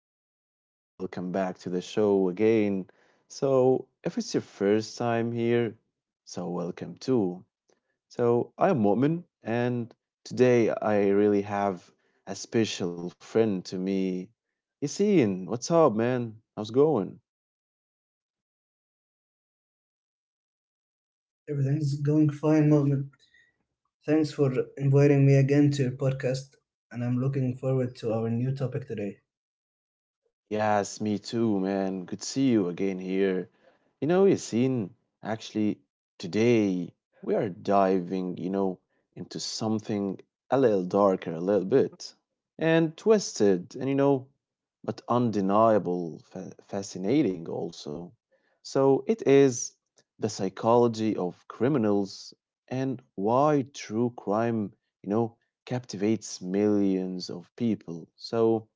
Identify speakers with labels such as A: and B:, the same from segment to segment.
A: everybody? Welcome back to the show again. If it's your first time here, welcome too. So, I'm Mu'min, and today I really have a special friend to me. Yassine, what's up, man? How's it going?
B: Everything's going fine, Mohammed. Thanks for inviting me again to your podcast, and I'm looking forward to our new topic today.
A: Yes, me too, man. Good to see you again here. You know, Yasin, actually, today we are diving, you know, into something a little darker, a little bit, and twisted, and you know, but undeniable, fascinating also. So it is the psychology of criminals and why true crime, you know, captivates millions of people. So,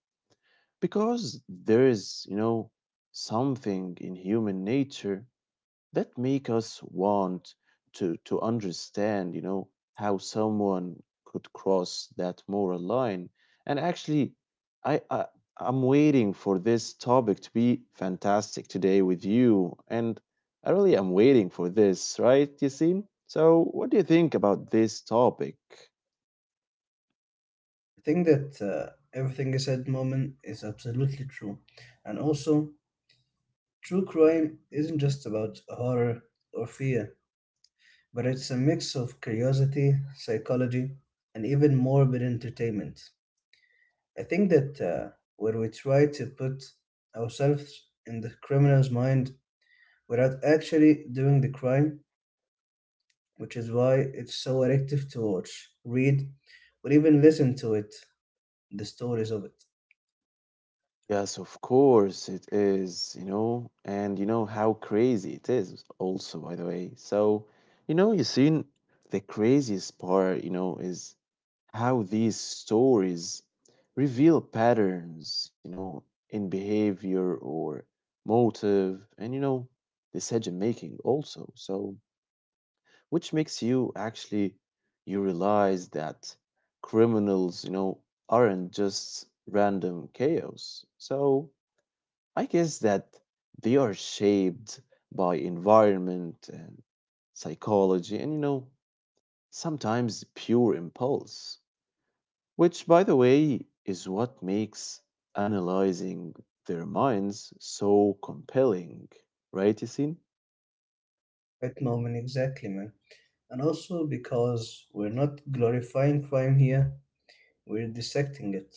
A: because there is, you know, something in human nature that make us want to understand, you know, how someone could cross that moral line. And actually, I I'm waiting for this topic to be fantastic today with you, and I really am waiting for this, right, Yasin? So what do you think about this topic?
B: I think that everything you said, Mohammed, is absolutely true. And also, true crime isn't just about horror or fear, but it's a mix of curiosity, psychology, and even morbid entertainment. I think that when we try to put ourselves in the criminal's mind without actually doing the crime, which is why it's so addictive to watch, read, or even listen to it, the stories of it.
A: Yes, of course it is, you know, and you know how crazy it is also, by the way. So, you know, you seen the craziest part, you know, is how these stories reveal patterns, you know, in behavior or motive and, you know, decision making also. So, which makes you actually, you realize that criminals, you know, aren't just random chaos. So, I guess that they are shaped by environment and psychology and, you know, sometimes pure impulse, which, by the way, is what makes analyzing their minds so compelling, right, Yasin?
B: At moment, exactly, man. And also because we're not glorifying crime here, we're dissecting it,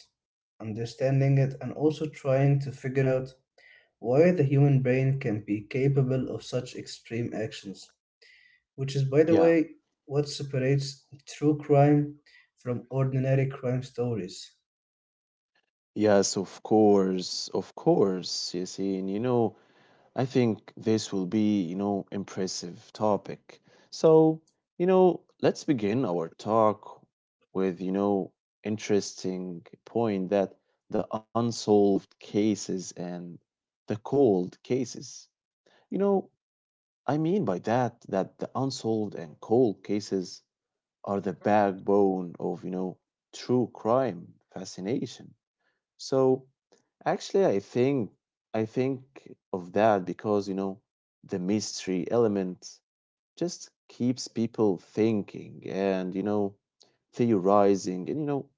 B: understanding it, and also trying to figure out why the human brain can be capable of such extreme actions, which is, by the
A: Yeah,
B: way, what separates true crime from ordinary crime stories.
A: yes, of course, Yasin. You know, I think this will be, you know, impressive topic. So, you know, let's begin our talk with, you know, interesting point that the unsolved cases and the cold cases. You know, I mean by that that the unsolved and cold cases are the backbone of, you know, true crime fascination. So actually, I think of that because, you know, the mystery element just keeps people thinking, and, you know, theorizing, and, you know,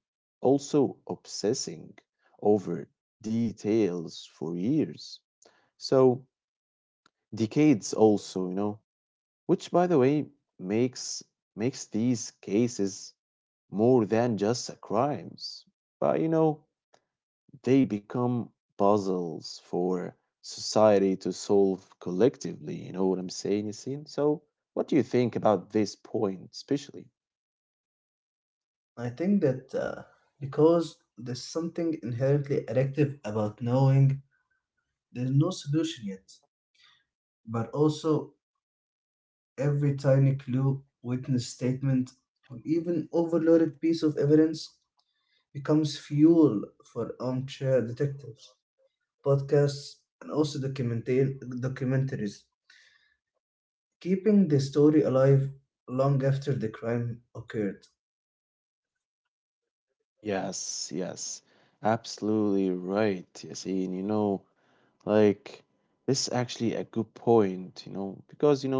A: also obsessing over details for years. So decades also, you know, which, by the way, makes, these cases more than just a crimes. But, you know, they become puzzles for society to solve collectively. You know what I'm saying, Yasin? So, what do you think about this point, especially?
B: I think that because there's something inherently addictive about knowing there's no solution yet, but also every tiny clue, witness statement, or even overloaded piece of evidence becomes fuel for armchair detectives, podcasts, and also documentaries, keeping the story alive long after the crime occurred.
A: Yes, yes, absolutely right, Yasin. You know, like, this is actually a good point, you know, because, you know,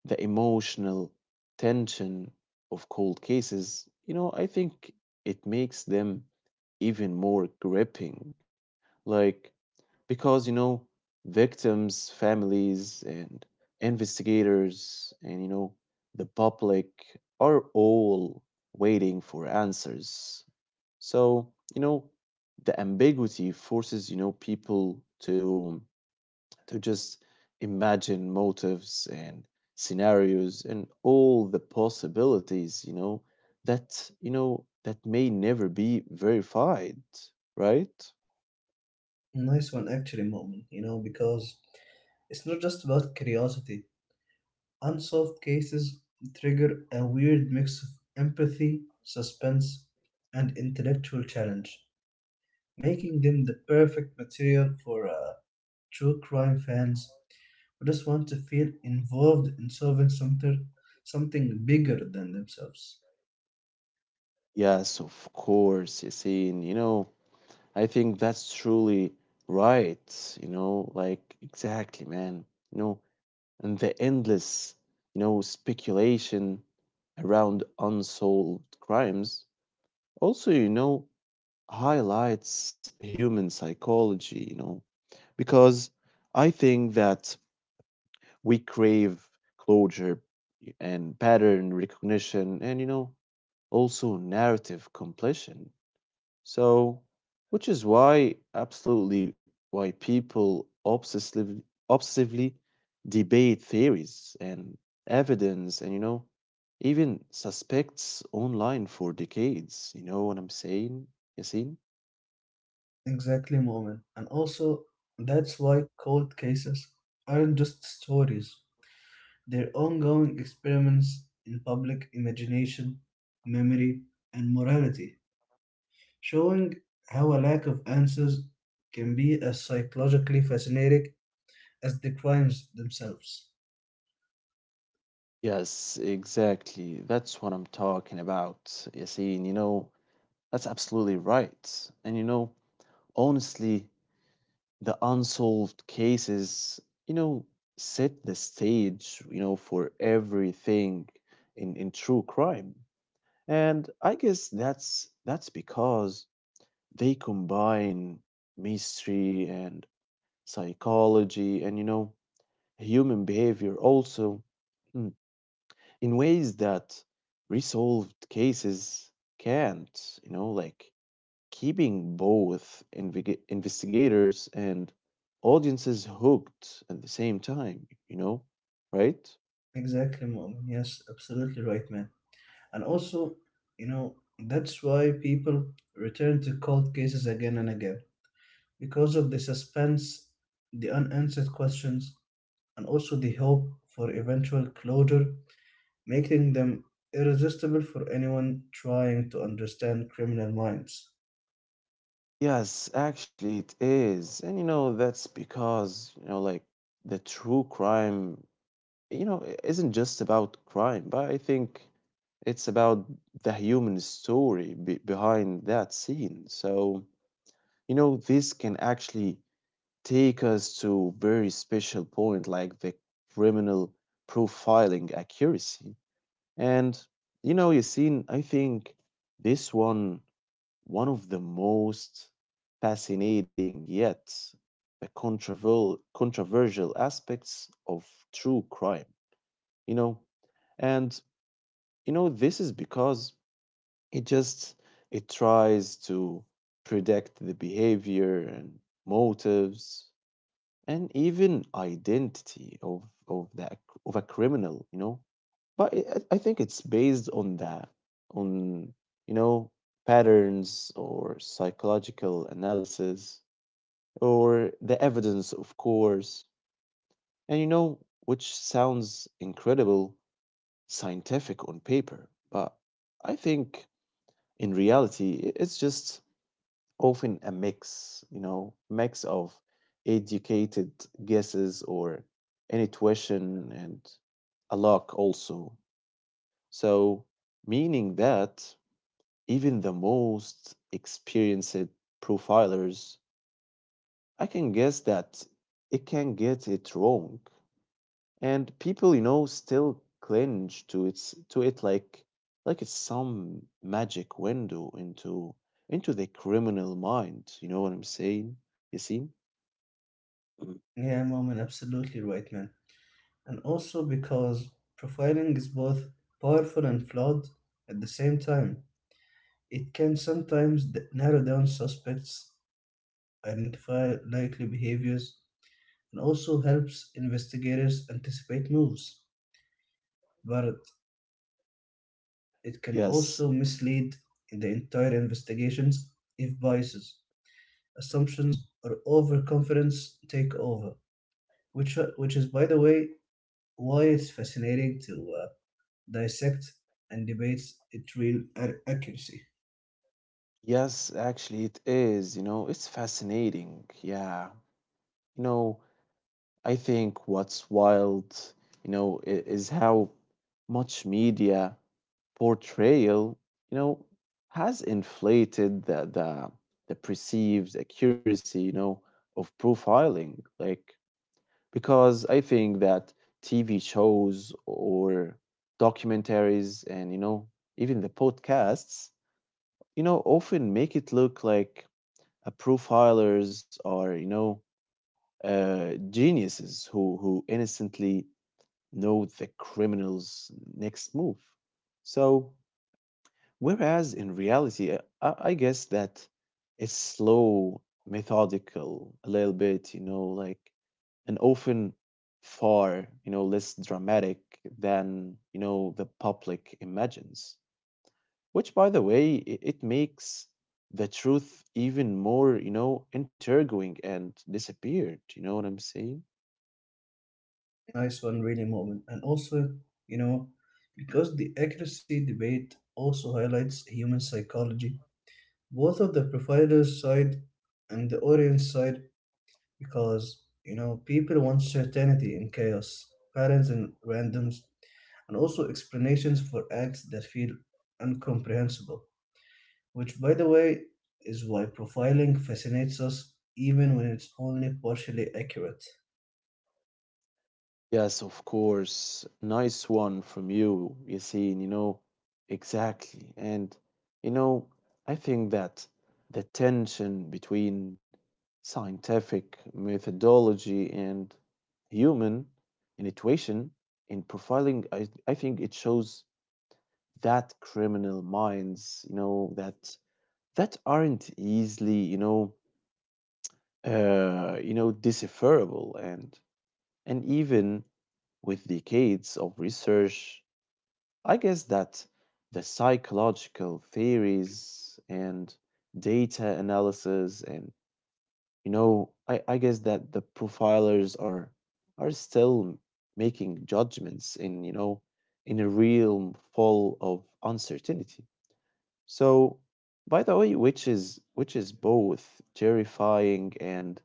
A: the emotional tension of cold cases, you know, I think it makes them even more gripping. Like, because, you know, victims families and investigators and, you know, the public are all waiting for answers. So, you know, the ambiguity forces, you know, people to, just imagine motives and scenarios and all the possibilities, you know, that, you know, that may never be verified, right?
B: Nice one, actually, moment, you know, because it's not just about curiosity. Unsolved cases trigger a weird mix of empathy, suspense, and intellectual challenge, making them the perfect material for true crime fans who just want to feel involved in solving something, something bigger than themselves.
A: Yes, of course, Yasin. You know, I think that's truly right. You know, like exactly, man. You know, and the endless, you know, speculation around unsolved crimes also, you know, highlights human psychology, you know, because I think that we crave closure and pattern recognition and, you know, also narrative completion. So, which is why absolutely why people obsessively debate theories and evidence and, you know, even suspects online for decades. You know what I'm saying, Yasin?
B: Exactly, moment. And also, that's why cold cases aren't just stories, they're ongoing experiments in public imagination, memory, and morality, showing how a lack of answers can be as psychologically fascinating as the crimes themselves.
A: Yes, exactly. That's what I'm talking about, Yasin. You know, that's absolutely right. And you know, honestly, the unsolved cases, you know, set the stage, you know, for everything in, true crime. And I guess that's because they combine mystery and psychology and, you know, human behavior also, mm, in ways that resolved cases can't, you know, like keeping both investigators and audiences hooked at the same time, you know, right?
B: Exactly, Mom. Yes, absolutely right, man. And also, you know, that's why people return to cold cases again and again because of the suspense, the unanswered questions, and also the hope for eventual closure, making them irresistible for anyone trying to understand criminal minds.
A: Yes, actually it is. And you know, that's because, you know, like the true crime, you know, isn't just about crime, but I think it's about the human story be behind that scene. So, you know, this can actually take us to very special point like the criminal profiling accuracy. And you know, Yassine, I think this one, one of the most fascinating yet the controversial aspects of true crime. You know, and you know this is because it just it tries to predict the behavior and motives and even identity of that of a criminal, you know. But I think it's based on that, on you know, patterns or psychological analysis or the evidence, of course. And you know, which sounds incredible scientific on paper, but I think in reality, it's just often a mix, you know, mix of educated guesses or intuition and a luck also. So, meaning that even the most experienced profilers, I can guess that it can get it wrong, and people, you know, still cling to its to it like, it's some magic window into, the criminal mind. You know what I'm saying? You see? Mhm.
B: Yeah, Mom, and absolutely right, man. And also because profiling is both powerful and flawed at the same time. It can sometimes narrow down suspects, identify likely behaviors, and also helps investigators anticipate moves. But it can also
A: Yes,
B: mislead in the entire investigations if biases, assumptions, or overconfidence take over. Which is, by the way, why it's fascinating to dissects and debates its real accuracy.
A: yes, actually, it is. You know, it's fascinating. Yeah. You know, I think what's wild, you know, is how much media portrayal, you know, has inflated the perceived accuracy, you know, of profiling. Like because I think that TV shows or documentaries and, you know, even the podcasts, you know, often make it look like a profilers are, you know, geniuses who innocently know the criminal's next move. So, whereas in reality, I guess that it's slow, methodical, a little bit, you know, like, and often far, you know, less dramatic than, you know, the public imagines. Which, by the way, it makes the truth even more, you know, intriguing and disappeared. You know what I'm saying?
B: Nice one, really moment. And also, you know, because the accuracy debate also highlights human psychology, both of the provider's side and the audience side, because, you know, people want certainty in chaos, patterns in randoms, and also explanations for acts that feel incomprehensible, which, by the way, is why profiling fascinates us even when it's only partially accurate.
A: Yes, of course. Nice one from you, Yassine, you know. Exactly. And, you know, I think that the tension between scientific methodology and human intuition in profiling, I think it shows that criminal minds, you know, that aren't easily, you know, decipherable, and even with decades of research, I guess that the psychological theories and data analysis and, you know, I guess that the profilers are, still making judgments in, you know, in a realm full of uncertainty. So, by the way, which is, both terrifying and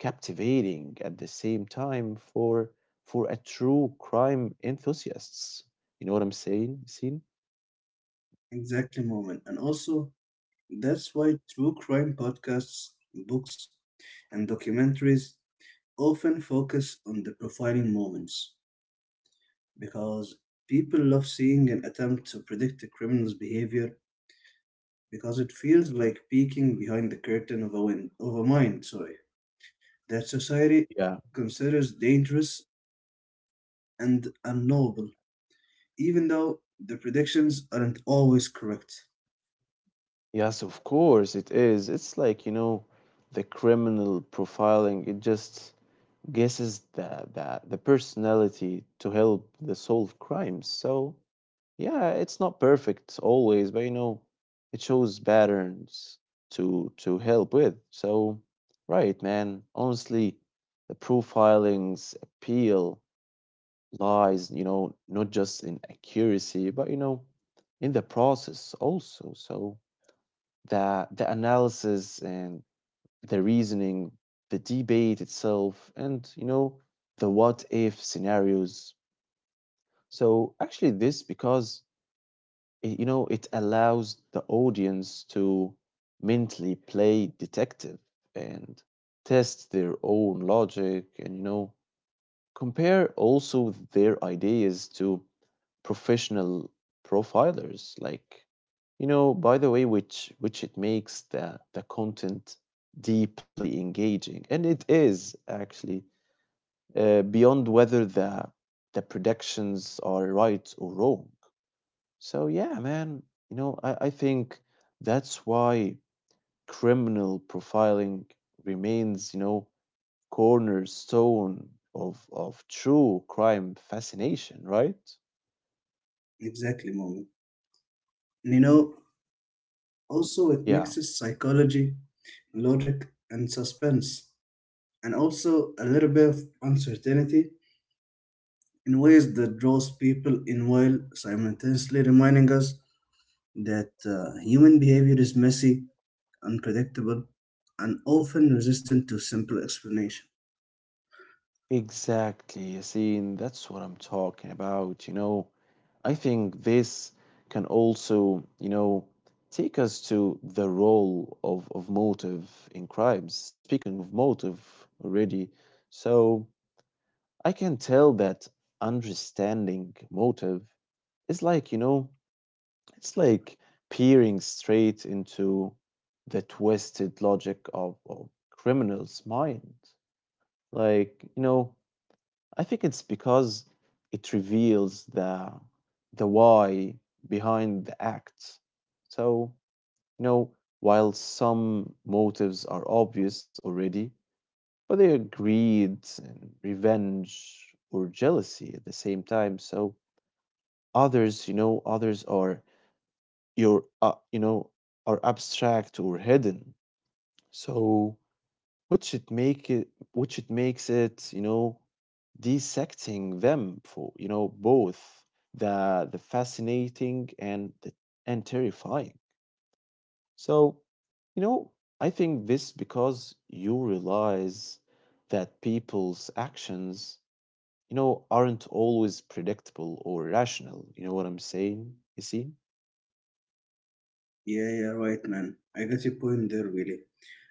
A: captivating at the same time for, a true crime enthusiasts. You know what I'm saying? Seen?
B: Exactly, moment. And also, that's why true crime podcasts, books, and documentaries often focus on the profiling moments because people love seeing an attempt to predict a criminal's behavior because it feels like peeking behind the curtain of a mind, sorry, that society
A: Yeah.
B: considers dangerous and unknowable, even though the predictions aren't always correct.
A: Yes, of course it is. It's like, you know, the criminal profiling, it just guesses the personality to help the solve crimes. So, yeah, it's not perfect always, but you know, it shows patterns to help with. So, right, man. Honestly, the profiling's appeal lies, you know, not just in accuracy, but, you know, in the process also. So, the analysis and the reasoning, the debate itself, and, you know, the what if scenarios. So actually, this because, it, you know, it allows the audience to mentally play detective and test their own logic, and, you know, compare also their ideas to professional profilers, like, you know, by the way, which, it makes the content deeply engaging, and it is actually, beyond whether the predictions are right or wrong. So yeah, man, you know, I think that's why criminal profiling remains, you know, cornerstone of, true crime fascination, right?
B: Exactly, moment. And you
A: Mm.
B: know, also it
A: Yeah.
B: mixes psychology, logic, and suspense, and also a little bit of uncertainty in ways that draws people in while simultaneously reminding us that human behavior is messy, unpredictable, and often resistant to simple explanation.
A: Exactly, Yasin. That's what I'm talking about. You know, I think this can also, you know, take us to the role of, motive in crimes. Speaking of motive already, so I can tell that understanding motive is like, you know, it's like peering straight into the twisted logic of, criminals' mind. Like, you know, I think it's because it reveals the why behind the act. So, you know, while some motives are obvious already, but they are greed and revenge or jealousy at the same time. So others, you know, others are your, you know, are abstract or hidden. So, which it makes it, you know, dissecting them for, you know, both the fascinating and the, and terrifying. So, you know, I think this because you realize that people's actions, you know, aren't always predictable or rational. You know what I'm saying? You see?
B: Yeah, yeah, right, man. I get your point there, really.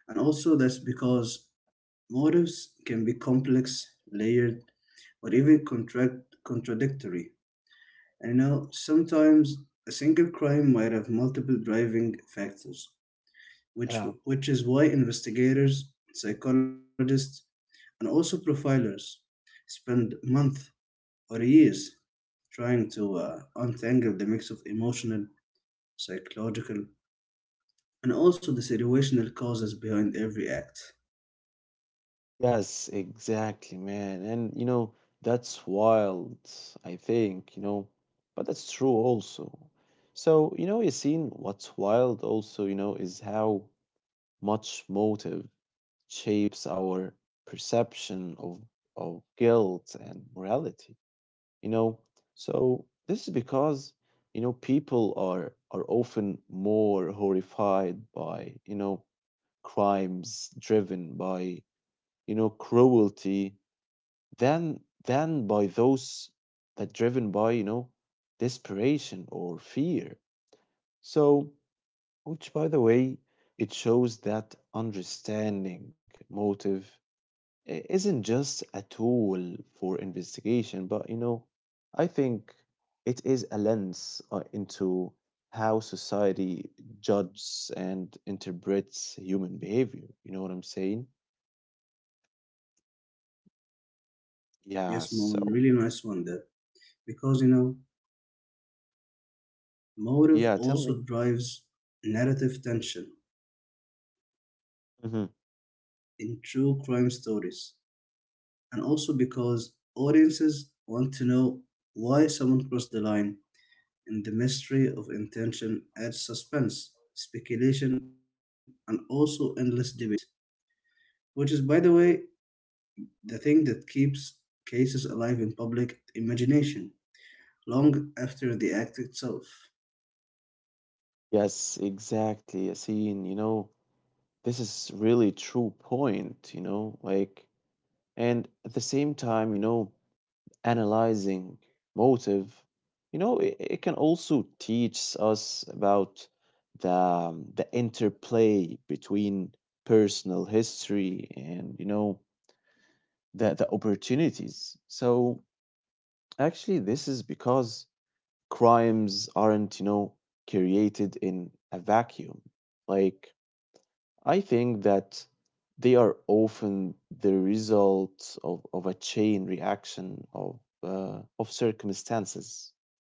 B: And also, that's because motives can be complex, layered, or even contradictory. And you know, sometimes a single crime might have multiple driving factors, which
A: Yeah.
B: which is why investigators, psychologists, and also profilers spend months or years trying to untangle the mix of emotional, psychological, and also the situational causes behind every act.
A: Yes, exactly, man. And you know, that's wild, I think, you know, but that's true also. So, you know, Yassine, what's wild also, you know, is how much motive shapes our perception of, guilt and morality, you know. So this is because, you know, people are often more horrified by, you know, crimes driven by, you know, cruelty than, by those that driven by, you know, desperation or fear. So, which, by the way, it shows that understanding motive isn't just a tool for investigation, but, you know, I think it is a lens, into how society judges and interprets human behavior. You know what I'm saying? Yeah.
B: Yes, Mohan,
A: So
B: really nice one there. Because you know, motive
A: yeah, tell me.
B: also drives narrative tension in true crime stories, and also because audiences want to know why someone crossed the line and the mystery of intention adds suspense, speculation, and also endless debate, which is, by the way, the thing that keeps cases alive in public imagination long after the act itself.
A: Yes, exactly, Yasin. You know, this is really true point, like and at the same time, analyzing motive, it can also teach us about the interplay between personal history and, the opportunities. So actually this is because crimes aren't, created in a vacuum. Like I think that they are often the result of a chain reaction of circumstances,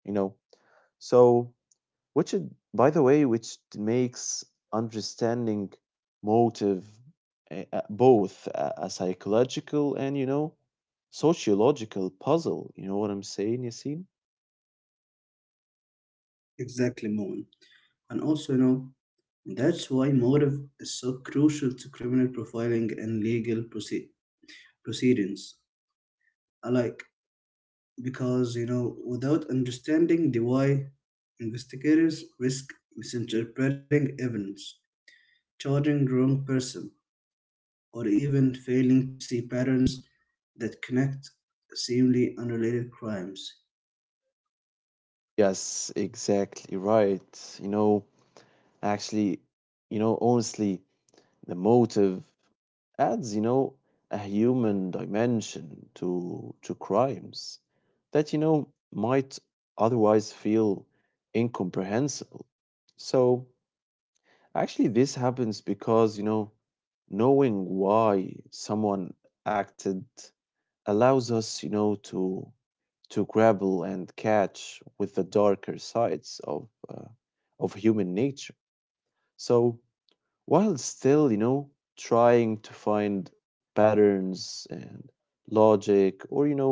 A: you know. So, by the way, which makes understanding motive both a psychological and you know sociological puzzle. You know what I'm saying, Yasin?
B: Exactly, Moen. And also, you know, that's why motive is so crucial to criminal profiling and legal proceedings alike. Because, you know, without understanding the why, investigators risk misinterpreting evidence, choosing wrong person, or even failing to see patterns that connect seemingly unrelated crimes.
A: Yes, exactly right. You know, actually, you know, honestly, the motive adds, a human dimension to crimes that you know might otherwise feel incomprehensible. So actually this happens because you know knowing why someone acted allows us you know to grapple and catch with the darker sides of human nature. So while still, trying to find patterns and logic or,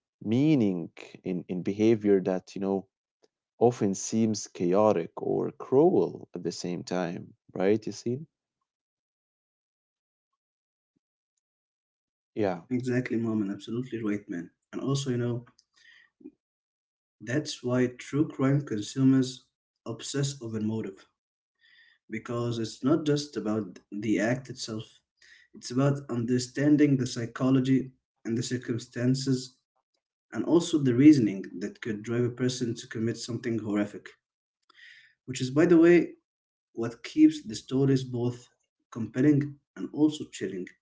A: meaning in behavior that, often seems chaotic or cruel at the same time, right? You see?
B: Exactly, mom, and absolutely
A: Yeah.
B: right, man. And also, you know, that's why true crime consumers obsess over motive because it's not just about the act itself, it's about understanding the psychology and the circumstances and also the reasoning that could drive a person to commit something horrific, which is, by the way, what keeps the stories both compelling and also chilling.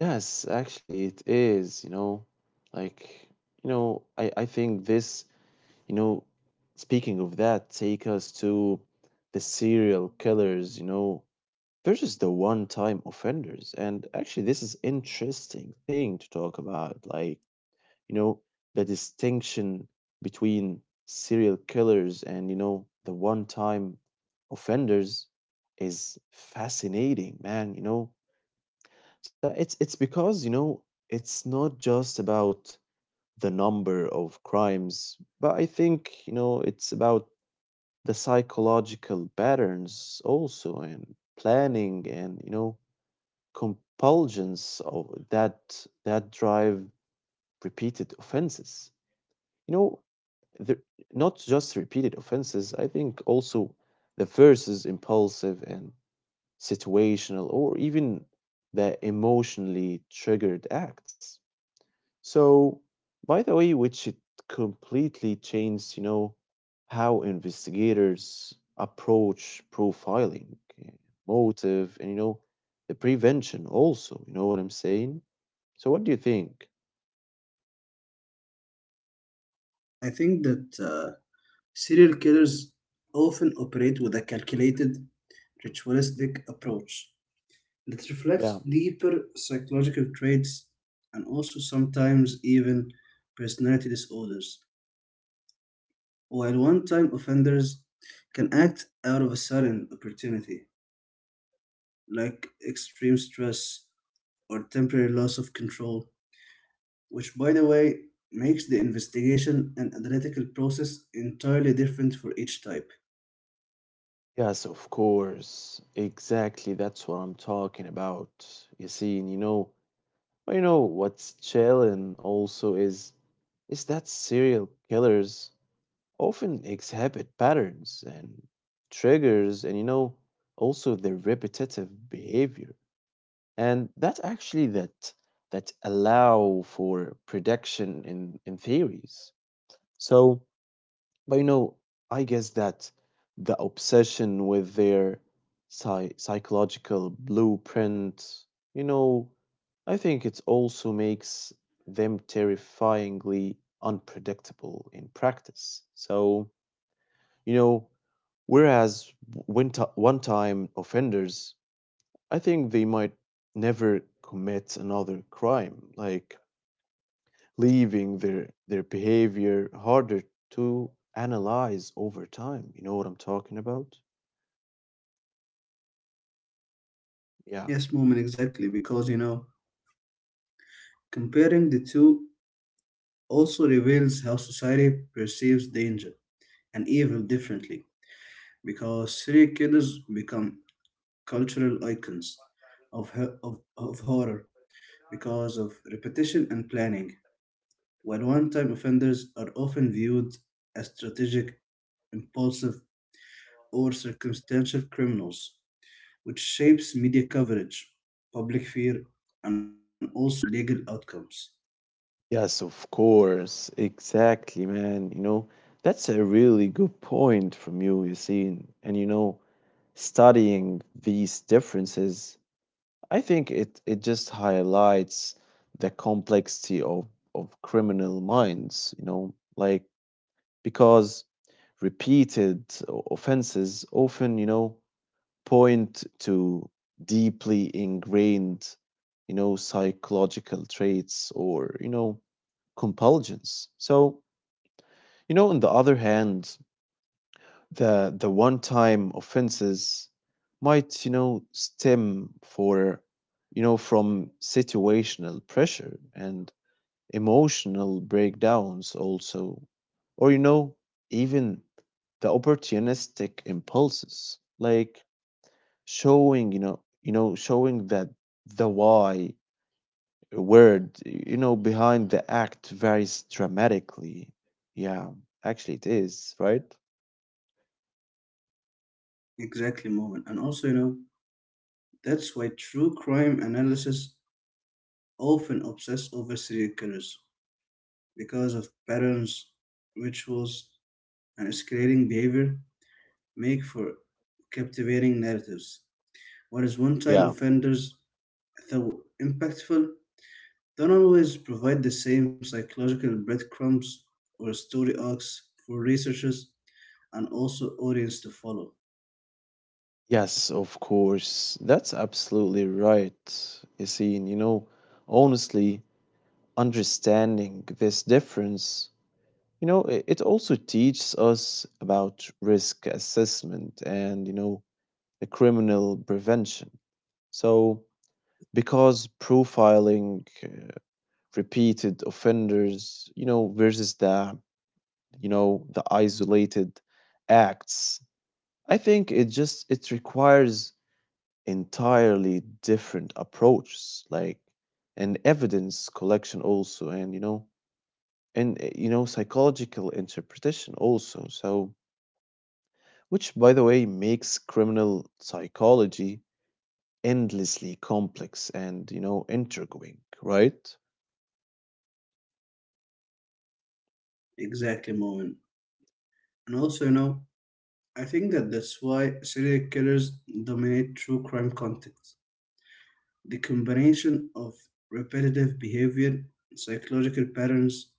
A: Yes, actually, it is, you know, like, I think this, you know, speaking of that, take us to the serial killers, versus the one-time offenders. And actually, this is interesting thing to talk about. Like, you know, the distinction between serial killers and, the one-time offenders is fascinating, man, you know. So it's because, it's not just about the number of crimes, but I think, it's about the psychological patterns also and planning and, compulsions of that that drive repeated offenses. You know, the, not just repeated offenses. I think also the first is impulsive and situational, or even the emotionally triggered acts. So, by the way, which it completely changed, how investigators approach profiling, eh, motive, and, the prevention also. You know what I'm saying? So, what do you think?
B: I think that serial killers often operate with a calculated, ritualistic approach that
A: Yeah.
B: reflects deeper psychological traits and also sometimes even personality disorders. While one time offenders can act out of a sudden opportunity, like extreme stress or temporary loss of control, which, by the way, makes the investigation and analytical process entirely different for each type.
A: Yes, of course. Exactly. That's what I'm talking about. You see, and you know, well, you know what's chilling also is that serial killers often exhibit patterns and triggers and you know also their repetitive behavior and that actually that allow for prediction in theories. So but you know I guess that the obsession with their psychological blueprint, you know, I think it also makes them terrifyingly unpredictable in practice. So you know, whereas when one time offenders, I think they might never commit another crime, like leaving their behavior harder to analyze over time. You know what I'm talking about? Yeah.
B: Yes, Moment, exactly, because you know, comparing the two also reveals how society perceives danger and evil differently, because serial killers become cultural icons of horror because of repetition and planning, while one time offenders are often viewed as strategic, impulsive, or circumstantial criminals which shapes media coverage, public fear, and also legal outcomes.
A: Yes, of course. Exactly, man. You know, that's a really good point from you, Yassine. And you know, studying these differences I think it just highlights the complexity of criminal minds, you know, like because repeated offenses often, point to deeply ingrained, psychological traits or, compulsions. So, you know, on the other hand, the one time offenses might you know stem for you know from situational pressure and emotional breakdowns also or you know even the opportunistic impulses like showing you know showing that the why word you know behind the act varies dramatically. Yeah, actually it is right.
B: Exactly, moment. And also, you know, that's why true crime analysis often obsess over serial killers because of patterns, rituals, and escalating behavior make for captivating narratives. Whereas one-time
A: Yeah.
B: offenders, though impactful, don't always provide the same psychological breadcrumbs or story arcs for researchers and also audience to follow.
A: Yes, of course. That's absolutely right, Yassine. You know, honestly, understanding this difference, it also teaches us about risk assessment and, the criminal prevention. So, because profiling repeated offenders, you know, versus the, you know, the isolated acts, I think it just it requires entirely different approach, like, and evidence collection also and you know psychological interpretation also. So which by the way makes criminal psychology endlessly complex and you know intriguing, right?
B: Exactly, moment. And also, you know, I think that that's why serial killers dominate true crime contexts. The combination of repetitive behavior, psychological patterns,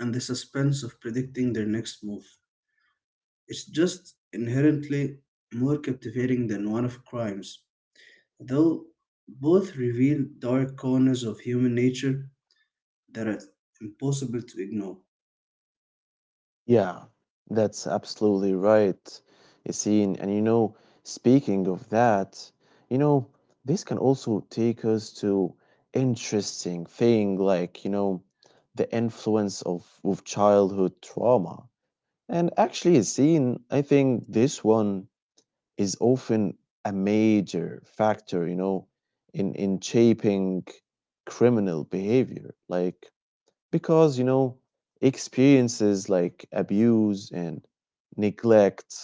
B: and the suspense of predicting their next move. It's just inherently more captivating than one of crimes, though both reveal dark corners of human nature that are impossible to ignore.
A: Yeah, that's absolutely right, Yassine. And you know, speaking of that, you know, this can also take us to interesting thing like, you know, the influence of childhood trauma. And actually, Yassine, I think this one is often a major factor, in shaping criminal behavior. Like, because, you know, experiences like abuse and neglect,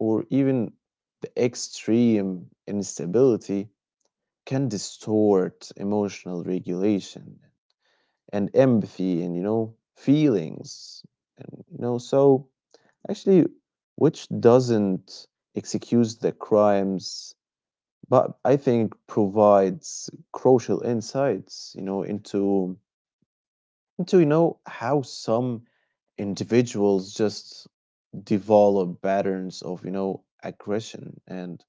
A: or even the extreme instability, can distort emotional regulation and empathy and, you know, feelings. And, you know, so actually, which doesn't excuse the crimes, but I think provides crucial insights, into do you know how some individuals just develop patterns of, aggression and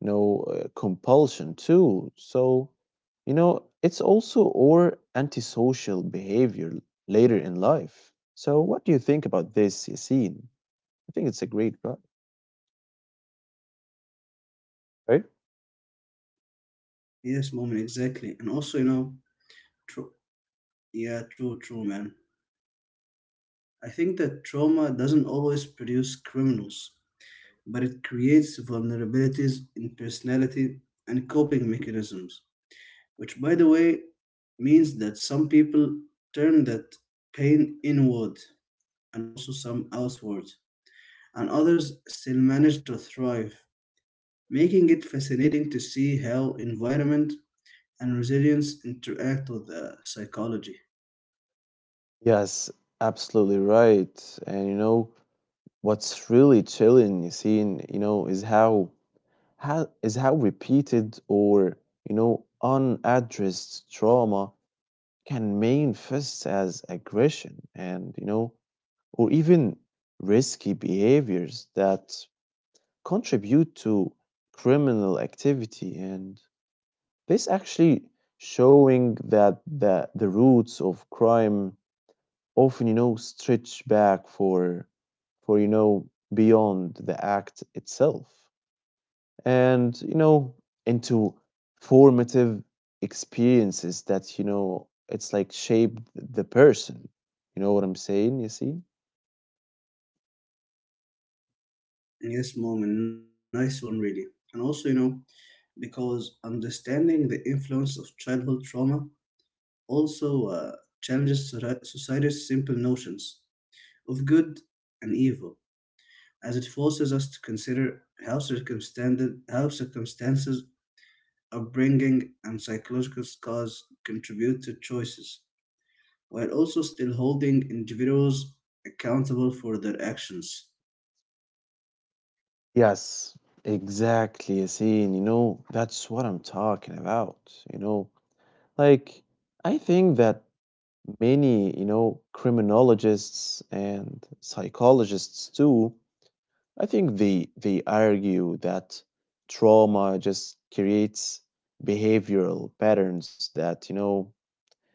A: you know compulsion too? So, you know, it's also or antisocial behavior later in life. So, what do you think about this scene? I think it's a great right, right?
B: Yes, moment, exactly. And also, you know, tr- yeah, true, man. I think that trauma doesn't always produce criminals, but it creates vulnerabilities in personality and coping mechanisms, which, by the way, means that some people turn that pain inward and also some outward, and others still manage to thrive, making it fascinating to see how environment and resilience interact with the psychology.
A: Yes, absolutely right. And you know what's really chilling, Yassine, you know, is how repeated or you know unaddressed trauma can manifest as aggression and you know or even risky behaviors that contribute to criminal activity and this actually showing that the roots of crime often you know stretch back for you know beyond the act itself and you know into formative experiences that you know it's like shaped the person. You know what I'm saying? You see?
B: Yes, mom, a nice one, really. And also, you know, because understanding the influence of childhood trauma also challenges society's simple notions of good and evil, as it forces us to consider how circumstances, upbringing, and psychological scars contribute to choices, while also still holding individuals accountable for their actions.
A: Yes, exactly. You see, and you know that's what I'm talking about. You know, like, I think that many you know criminologists and psychologists too I think they argue that trauma just creates behavioral patterns that you know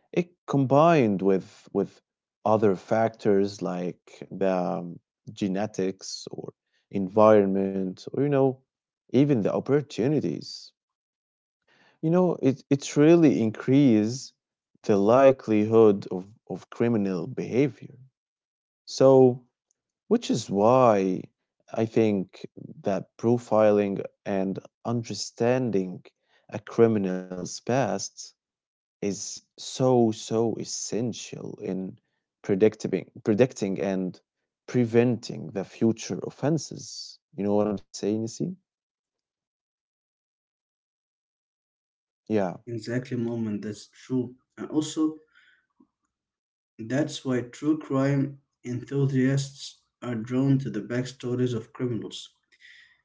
A: it combined with other factors like the genetics or environment or you know even the opportunities. You know, it really increase the likelihood of criminal behavior. So, which is why I think that profiling and understanding a criminal's past is so so essential in predicting and preventing the future offenses. You know what I'm saying? You see? Yeah.
B: Exactly, moment, that's true. And also, that's why true crime enthusiasts are drawn to the backstories of criminals.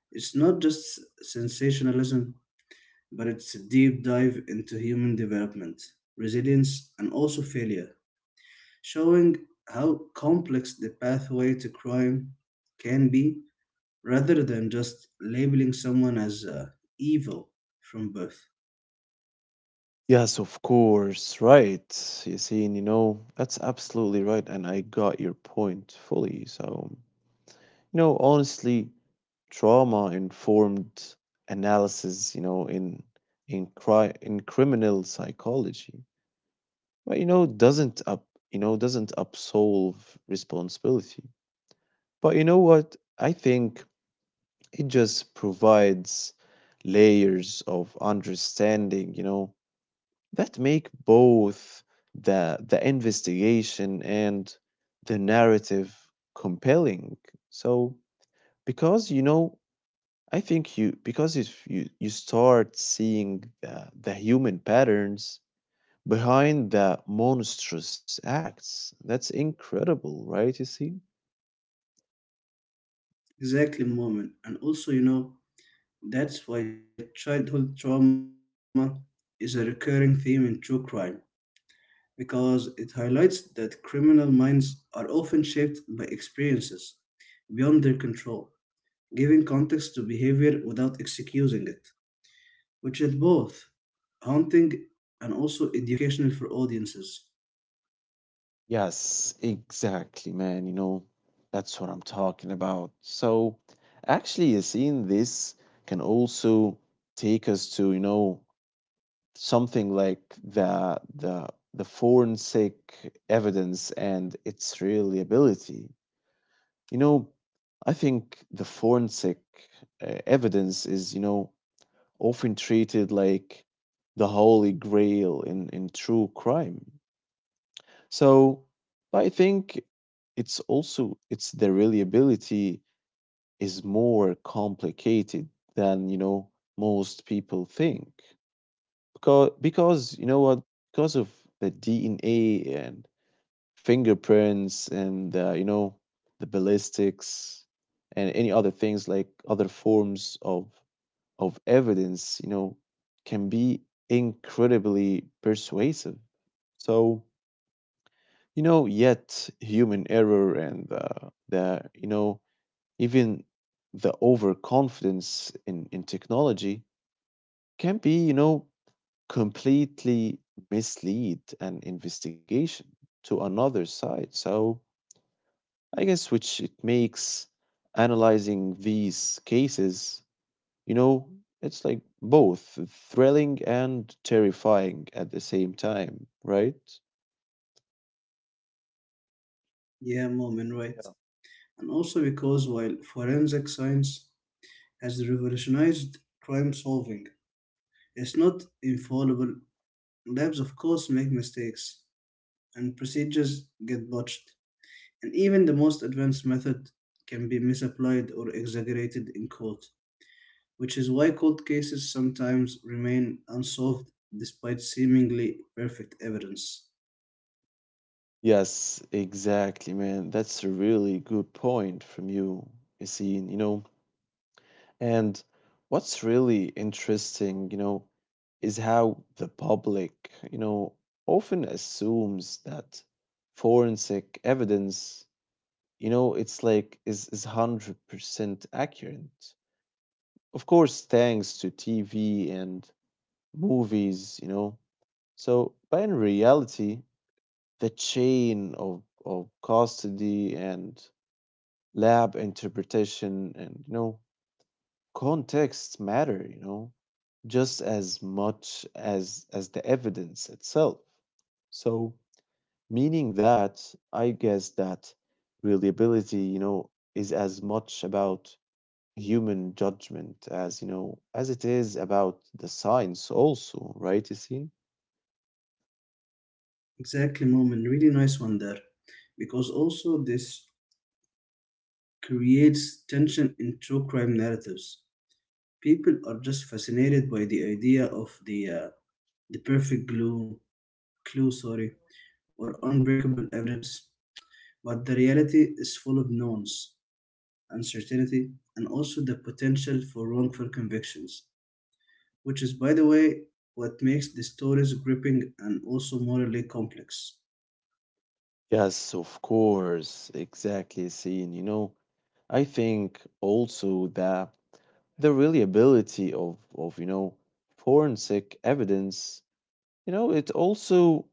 B: It's not just sensationalism, but it's a deep dive into human development, resilience, and also failure, showing how complex the pathway to crime can be rather than just labeling someone as evil from birth.
A: Yes, of course, right. You see, and you know that's absolutely right and I got your point fully. So you know honestly trauma informed analysis you know in in criminal psychology but you know, doesn't up, you know, doesn't absolve responsibility. But you know what? I think it just provides layers of understanding, that make both the investigation and the narrative compelling. So because you know, I think you because if you start seeing the human patterns behind the monstrous acts. That's incredible, right? You see?
B: Exactly, moment. And also, you know, that's why childhood trauma is a recurring theme in true crime because it highlights that criminal minds are often shaped by experiences beyond their control, giving context to behavior without excusing it, which is both haunting and also educational for audiences.
A: Yes, exactly, man. You know, that's what I'm talking about. So, actually, you see, in this can also take us to, you know, something like the forensic evidence and its reliability. You know, I think the forensic evidence is, often treated like the holy grail in true crime. So, I think it's also it's the reliability is more complicated than you know most people think because you know what because of the DNA and fingerprints and you know the ballistics and any other things like other forms of evidence, can be incredibly persuasive. So, you know, yet human error and the, even the overconfidence in technology can be, completely mislead an investigation to another side. So, I guess which it makes analyzing these cases, you know, it's like both thrilling and terrifying at the same time, right?
B: Yeah, Moment, right. And also because while forensic science has revolutionized crime solving, it's not infallible. Labs, of course, make mistakes and procedures get botched. And even the most advanced method can be misapplied or exaggerated in court, which is why cold cases sometimes remain unsolved despite seemingly perfect evidence.
A: Yes, exactly, man. That's a really good point from you, Yassine, you know. And what's really interesting, is how the public, often assumes that forensic evidence, you know, it's like is 100% accurate. Of course, thanks to TV and movies, you know. So, but in reality, the chain of custody and lab interpretation and, contexts matter, just as much as the evidence itself. So, meaning that, I guess that reliability, is as much about human judgment as, you know, as it is about the science also, right, Yassine?
B: Exactly, Moment. Really nice one there. Because also, this creates tension in true crime narratives. People are just fascinated by the idea of the perfect glue, clue, sorry, or unbreakable evidence, but the reality is full of knowns uncertainty, and also the potential for wrongful convictions, which is, by the way, what makes the stories gripping and also morally complex.
A: Yes, of course, exactly, Sin. You know, I think also that the reliability of you know, forensic evidence, you know, it also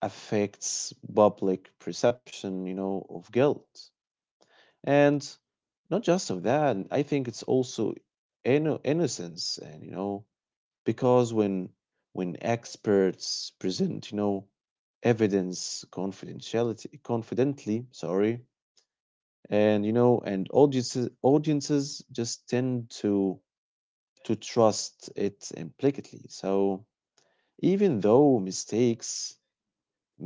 A: affects public perception, of guilt. And not just of that, I think it's also innocence and, you know, because when experts present, evidence confidentiality confidently, sorry, and you know and audiences just tend to trust it implicitly. So even though mistakes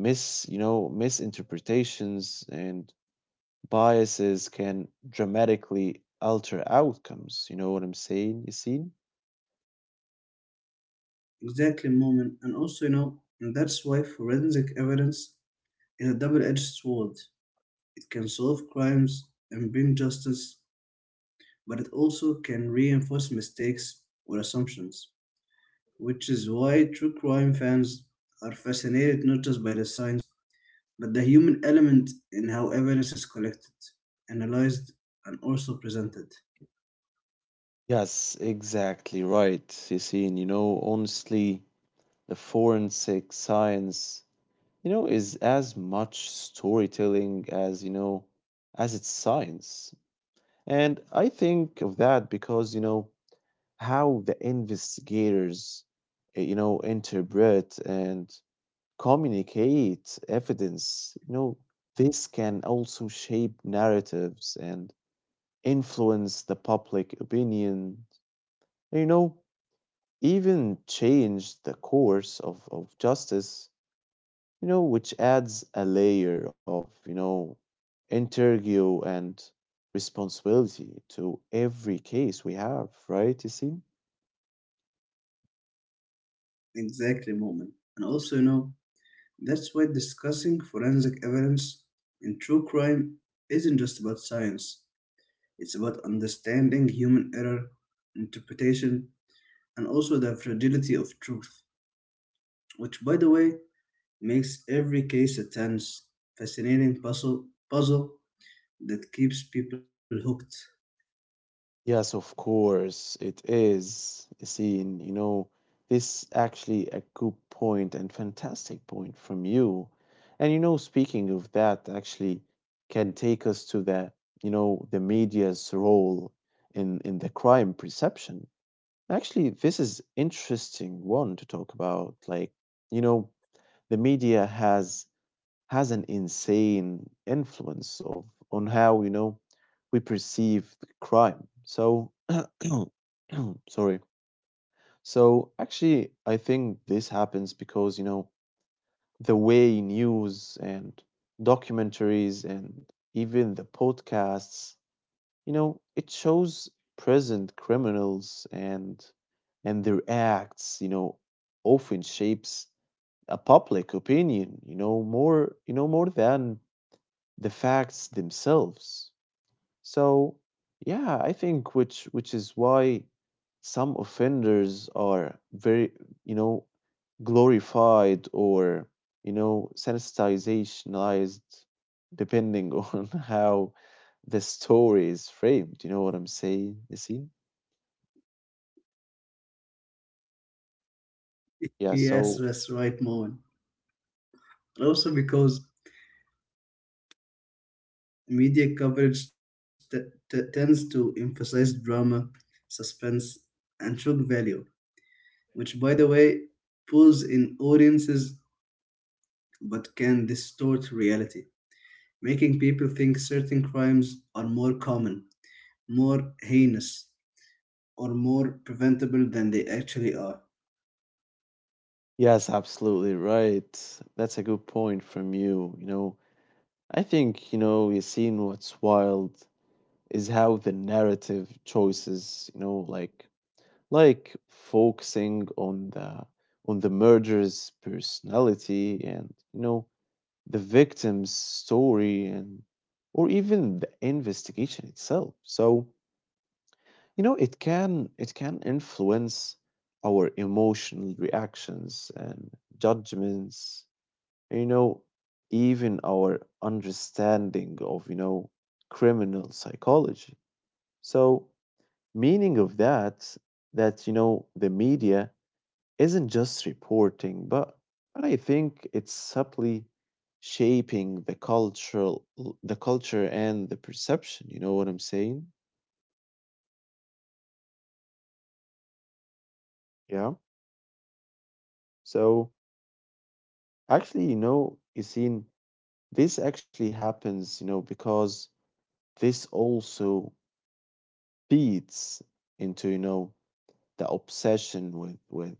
A: mis you know misinterpretations and biases can dramatically alter outcomes. You know what I'm saying? You see?
B: Exactly, moment, and also, you know, and that's why forensic evidence is a double edged sword. It can solve crimes and bring justice, but it also can reinforce mistakes or assumptions, which is why true crime fans are fascinated not just by the science but the human element in how evidence is collected, analyzed, and also presented.
A: Yes, exactly right. You see, you know honestly the forensic science you know is as much storytelling as you know as it's science. And I think of that because, you know, how the investigators, you know, interpret and communicate evidence, this can also shape narratives and influence the public opinion, you know, even change the course of justice, you know, which adds a layer of, interview and responsibility to every case we have, right, Yasin?
B: Exactly, moment. And also, you know, that's why discussing forensic evidence in true crime isn't just about science, it's about understanding human error, interpretation, and also the fragility of truth, which, by the way, makes every case a tense, fascinating puzzle that keeps people hooked.
A: Yes, of course, it is, Yasin. You know, this actually a good point and fantastic point from you. And you know, speaking of that, actually can take us to the, you know, the media's role in the crime perception. Actually, this is interesting one to talk about. Like, you know, the media has an insane influence of on how, you know, we perceive the crime. So, sorry. So, actually, I think this happens because, you know, the way news and documentaries and even the podcasts, you know, it shows present criminals and their acts, you know, often shapes a public opinion, you know, more, more than the facts themselves. So, yeah, I think which is why some offenders are very, you know, glorified or, you know, sanitizationized, depending on how the story is framed. You know what I'm saying, Yasin? Yeah,
B: Yes,
A: so
B: that's right, moment. And also because media coverage tends to emphasize drama, suspense, and shock value, which, by the way, pulls in audiences but can distort reality, making people think certain crimes are more common, more heinous, or more preventable than they actually are.
A: yes, absolutely right. That's a good point from you, you know. I think, you know, Yasin, what's wild is how the narrative choices, you know, like focusing on the murderer's personality and, you know, the victim's story and or even the investigation itself. So, you know, it can influence our emotional reactions and judgments, you know, even our understanding of, you know, criminal psychology. So meaning of that, that, you know, the media isn't just reporting, but I think it's subtly shaping the culture and the perception. You know what I'm saying?
B: Yes, moment, exactly, man.
A: Yeah. So
B: And also, you know,
A: actually, you know, you seen this actually happens, you know, because this also feeds into, you know, the obsession with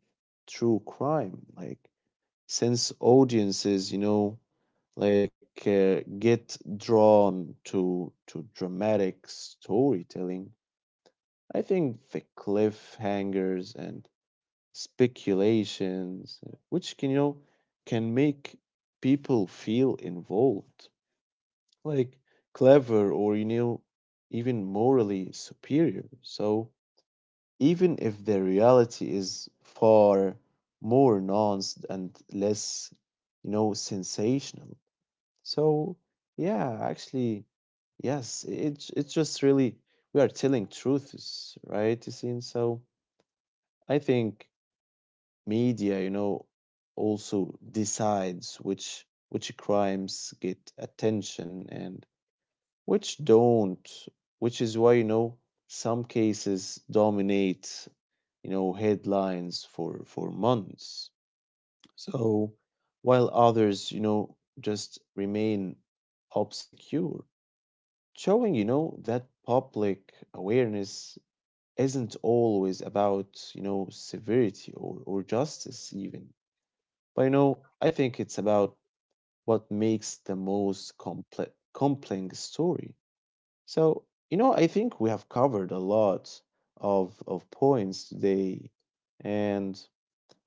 A: true crime. Like since audiences, you know, like get drawn to dramatic storytelling. I think the cliffhangers and speculations, which can, you know, can make people feel involved, like clever or, you know, even morally superior. So even if the reality is far more nuanced and less, you know, sensational. So yeah, actually, yes, it's just really, we are telling truths, right, Yasin? So I think media, you know, also decides which crimes get attention and which don't, which is why, you know, some cases dominate, you know, headlines for months. So while others, you know, just remain obscure, showing, you know, that public awareness isn't always about, you know, severity or justice even, but, you know, I think it's about what makes the most complex compelling story. So, you know, I think we have covered a lot of points today and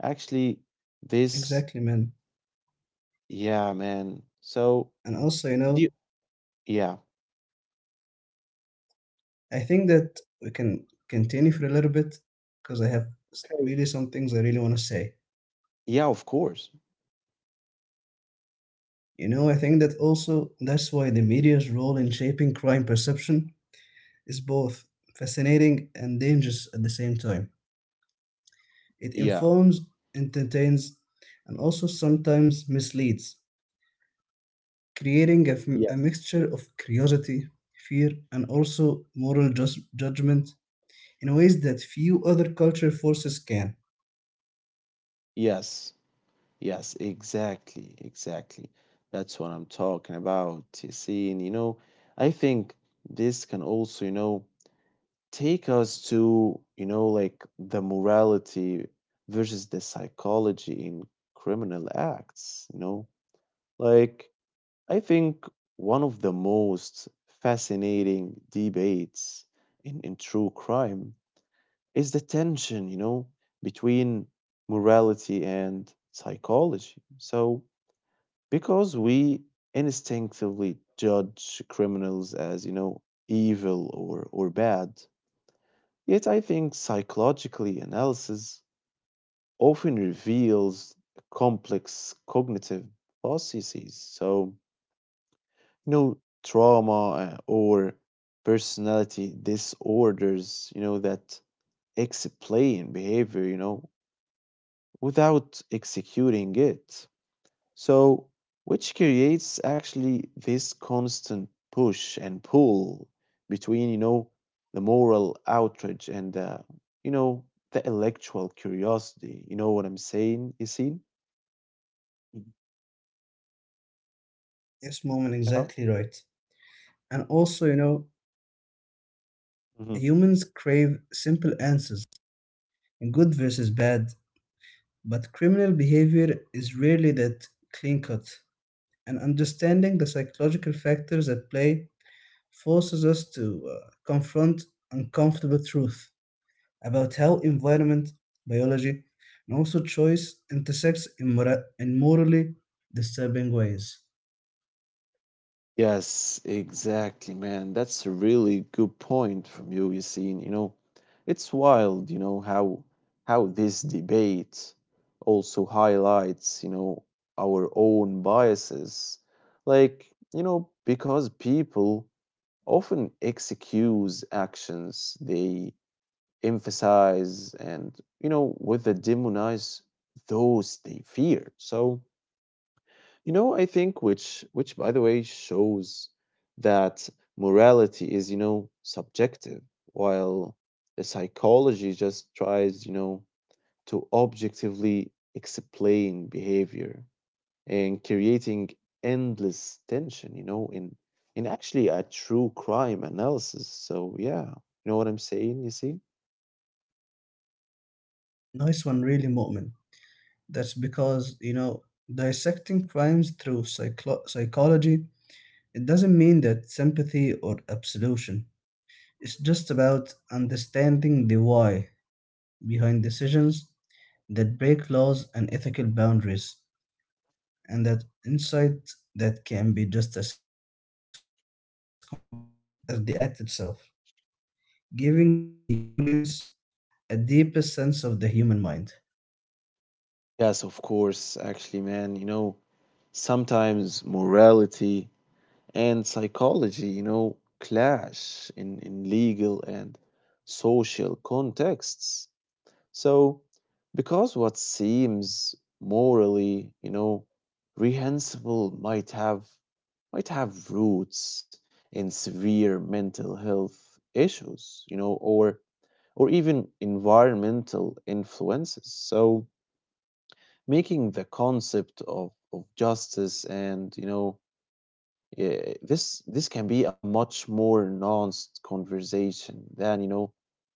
A: actually
B: exactly,
A: this.
B: man.
A: Yeah, man. So
B: And also, you know,
A: do you, yeah,
B: I think that we can continue for a little bit because I have
A: okay,
B: really some things I really want to say.
A: yeah, of course,
B: You know, I think that also that's why the media's role in shaping crime perception is both fascinating and dangerous at the same time. It
A: yeah,
B: informs, entertains, and also sometimes misleads, creating a, f-
A: yes,
B: a mixture of curiosity, fear, and also moral judgment in ways that few other culture forces can.
A: yes. Yes, exactly, exactly. That's what I'm talking about. You see, and, you know, I think this can also, you know, take us to, you know, like the morality versus the psychology in criminal acts, you know? Like, I think one of the most fascinating debates in true crime is the tension, you know, between morality and psychology. So, because we instinctively judge criminals as, you know, evil or bad, yet I think psychologically analysis often reveals complex cognitive processes. So, you know, trauma, or personality disorders, you know, that explain behavior, you know, without executing it. So, which creates actually this constant push and pull between, you know, the moral outrage and, you know, the intellectual curiosity. You know what I'm saying, Yasin? Mhm.
B: Yes, Moment, exactly right. And also, you know,
A: Yeah.
B: humans crave simple answers, good versus bad, but criminal behavior is rarely that clean cut. And understanding the psychological factors at play forces us to confront uncomfortable truth about how environment, biology, and also choice intersects in morally disturbing ways.
A: Yes, exactly, man. That's a really good point from you, Yassine. You know, it's wild, you know, how this debate also highlights, you know, our own biases. Like, you know, because people often excuse actions they emphasize and, you know, with the demonize those they fear. So, you know, I think which by the way shows that morality is, you know, subjective, while the psychology just tries, you know, to objectively explain behavior and creating endless tension, you know, in actually a true crime analysis. So yeah, you know what I'm saying, you see?
B: Nice one, really, Mu'min. That's because, you know, dissecting crimes through psychology, it doesn't mean that sympathy or absolution. It's just about understanding the why behind decisions that break laws and ethical boundaries, and that insight that can be just as compelling as the act itself, giving the audience a deeper sense of the human mind.
A: Yes, of course, actually, man, you know, sometimes morality and psychology, you know, clash in legal and social contexts. So, because what seems morally, you know, reprehensible might have roots in severe mental health issues, you know, or even environmental influences. So, making the concept of justice, and, you know, yeah, this can be a much more nuanced conversation than, you know,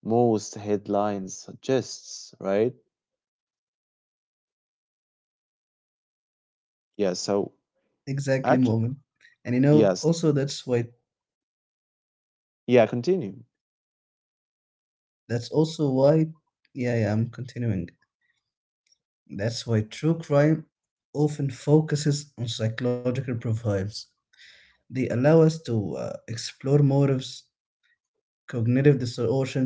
A: most headlines suggests, right? Yeah. So
B: Exactly, moment. And you
A: actually,
B: know, also that's why
A: yes, yeah. Continue.
B: that's also why yeah, yeah, I'm continuing. That's why true crime often focuses on psychological profiles. They allow us to explore motives, cognitive distortions,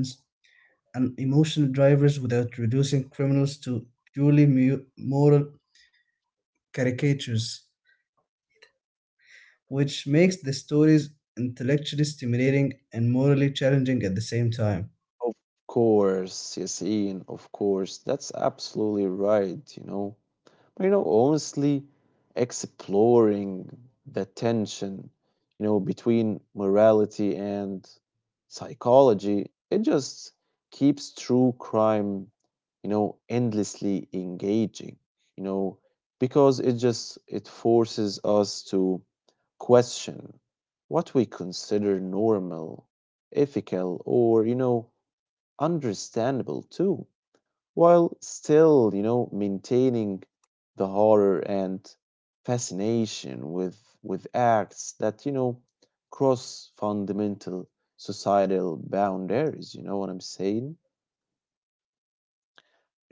B: and emotional drivers without reducing criminals to purely moral caricatures, which makes the stories intellectually stimulating and morally challenging at the same time.
A: Of course, yes, Ian. Of course, that's absolutely right. You know, you know, honestly, exploring the tension, you know, between morality and psychology, it just keeps true crime, you know, endlessly engaging, you know, because it just it forces us to question what we consider normal, ethical, or, you know, understandable too, while still, you know, maintaining the horror and fascination with acts that, you know, cross fundamental societal boundaries, you know what I'm saying?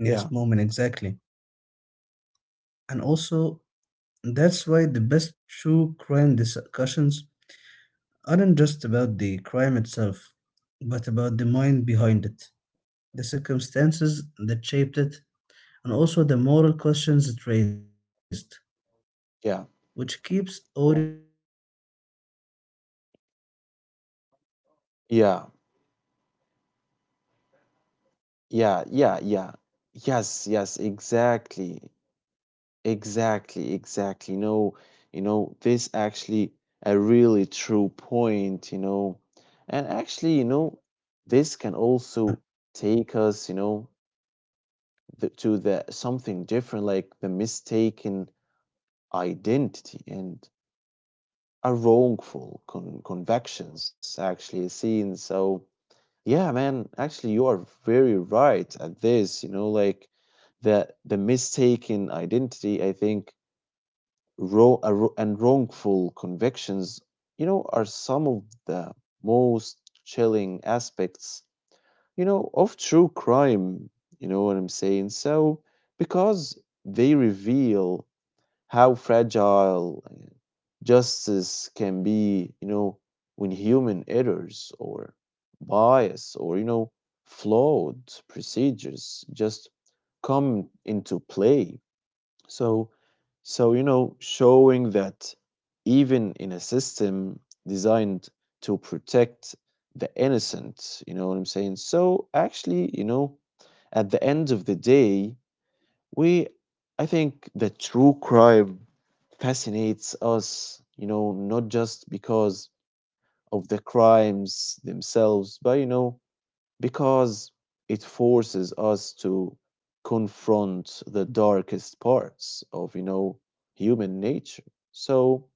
B: Yes,
A: Yeah.
B: moment, exactly. And also, that's why the best true crime discussions aren't just about the crime itself, but about the mind behind it, the circumstances that shaped it, and also the moral questions it raised, which
A: Yeah.
B: keeps audience
A: Yeah.
B: debating.
A: Yeah. Yeah, yeah, yeah. Yes, yes, exactly. Exactly, exactly. No, you know, this actually a
B: Yeah,
A: really true point, you know. And actually, you know,
B: of
A: this
B: course.
A: can also take us, you know, to the something different, like the mistaken identity and a wrongful convictions, actually, seen. So, yeah, man, actually you are very right at this, you know, like the mistaken identity, I think. Wrong wrongful convictions, you know, are some of the most chilling aspects, you know, of true crime. You know what I'm saying? So, because they reveal how fragile, justice can be, you know, when human errors or bias or, you know, flawed procedures just come into play. So, you know, showing that even in a system designed to protect the innocent, you know what I'm saying? So actually, you know, at the end of the day, we I think the true crime fascinates us, you know, not just because of the crimes themselves, but, you know, because it forces us to confront the darkest parts of, you know, human nature. So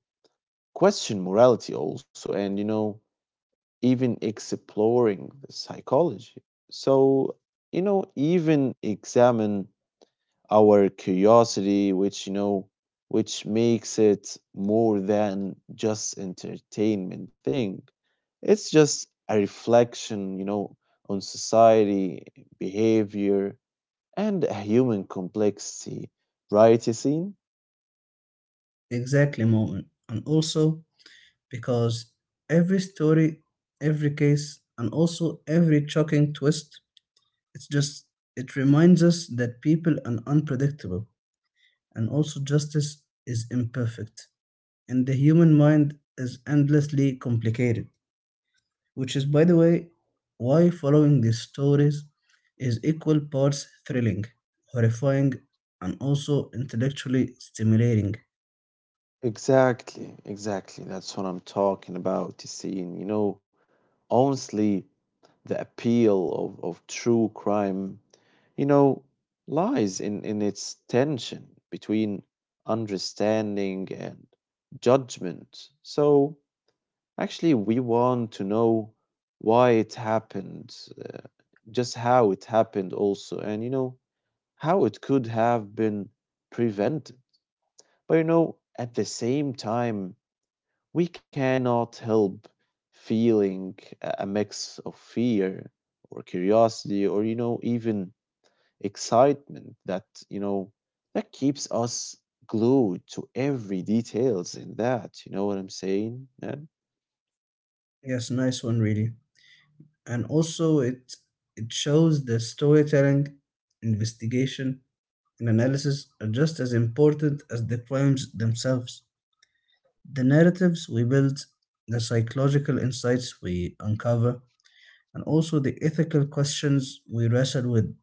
A: question morality also, and, you know, even exploring the psychology. So, you know, even examine our curiosity, which, you know, which makes it more than just entertainment thing. It's just a reflection, you know, on society, behavior, and a human complexity, right, Yassine?
B: Exactly, moment. And also because every story, every case, and also every shocking twist, it's just it reminds us that people are unpredictable and also justice is imperfect, and the human mind is endlessly complicated, which is, by the way, why following these stories is equal parts thrilling, horrifying, and also intellectually stimulating.
A: Exactly, exactly. That's what I'm talking about, Yassine. You know, honestly, the appeal of true crime, you know, lies in its tension between understanding and judgment. So, actually, we want to know why it happened, just how it happened, also, and, you know, how it could have been prevented. But, you know, at the same time, we cannot help feeling a mix of fear or curiosity or, you know, even excitement that, you know, that keeps us glued to every details in that, you know what I'm saying, man?
B: Yes, nice one, really. And also, it shows that storytelling, investigation, and analysis are just as important as the crimes themselves. The narratives we build, the psychological insights we uncover, and also the ethical questions we wrestle with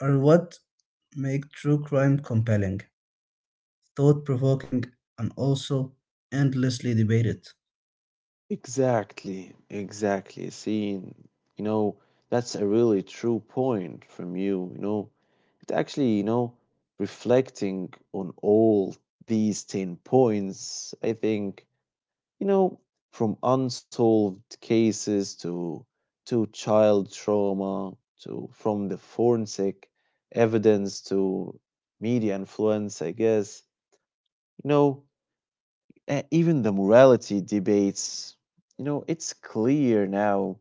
B: are what make true crime compelling, thought provoking, and also endlessly debated.
A: Exactly, exactly, seeing, you know, that's a really true point from you, you know. It actually, you know, reflecting on all these 10 points, I think. You know, from unsolved cases to child trauma to from the forensic evidence to media influence, I guess. You know, even the morality debates, you know, it's clear now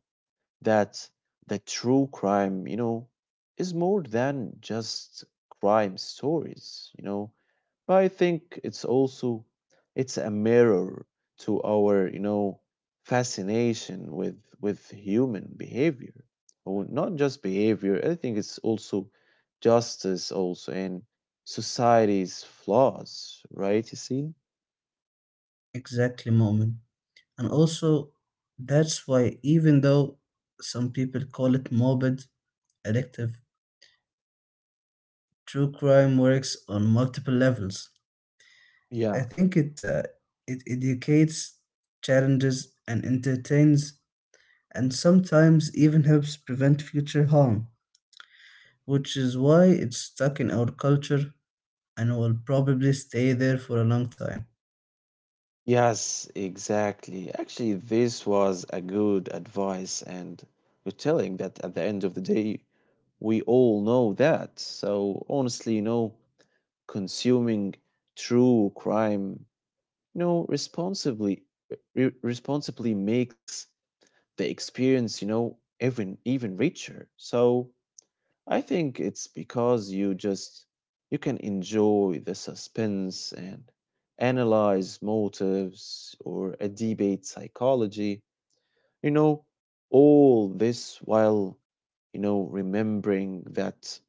A: that the true crime, you know, is more than just crime stories, you know. But I think it's also it's a mirror to our, you know, fascination with human behavior. Or not just behavior, I think it's also justice also and society's flaws, right, you see?
B: Exactly, Moment. And also, that's why, even though some people call it morbid, addictive, true crime works on multiple levels. I
A: Yeah.
B: think it educates, challenges, and entertains, and sometimes even helps prevent future harm, which is why it's stuck in our culture and will probably stay there for a long time.
A: Yes, exactly. Actually, this was a good advice, and you're telling that at the end of the day, we all know that. So honestly, you know, consuming true crime, you know, responsibly, responsibly makes the experience, you know, even even richer. So I think it's because you can enjoy the suspense and analyze motives or a debate psychology, you know, all this while, you know, remembering that,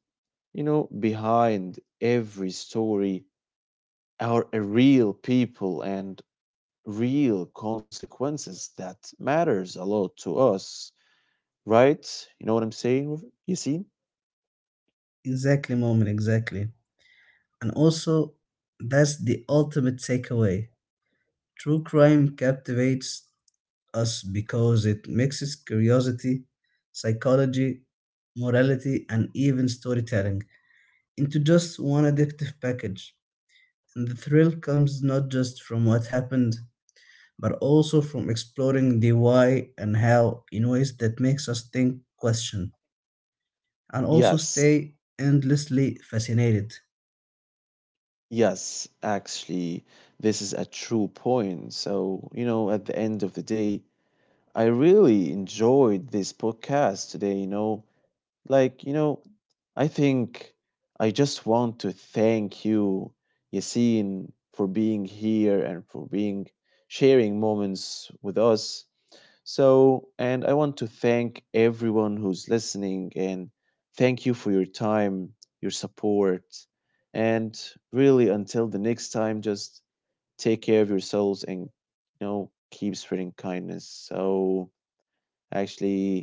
A: you know, behind every story are a real people and real consequences that matters a lot to us, right? You know what I'm saying? You see?
B: Exactly, Moment, exactly. And also, that's the ultimate takeaway. True crime captivates us because it mixes curiosity, psychology, morality, and even storytelling into just one addictive package. And the thrill comes not just from what happened, but also from exploring the why and how in ways that makes us think, question, and also
A: Yes,
B: stay endlessly fascinated.
A: yes, actually, this is a true point. So, you know, at the end of the day, I really enjoyed this podcast today, you know. Like, you know, I think I just want to thank you, Yasin, for being here and for being sharing moments with us. So, and I want to thank everyone who's listening, and thank you for your time, your support. And really, until the next time, just take care of yourselves and, you know, keep spreading kindness. So, actually,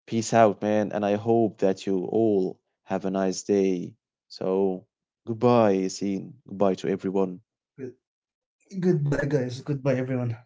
A: peace out, man. And I hope that you all have a nice day. So, goodbye, Yasin. Goodbye to everyone.
B: Goodbye, guys. Goodbye, everyone.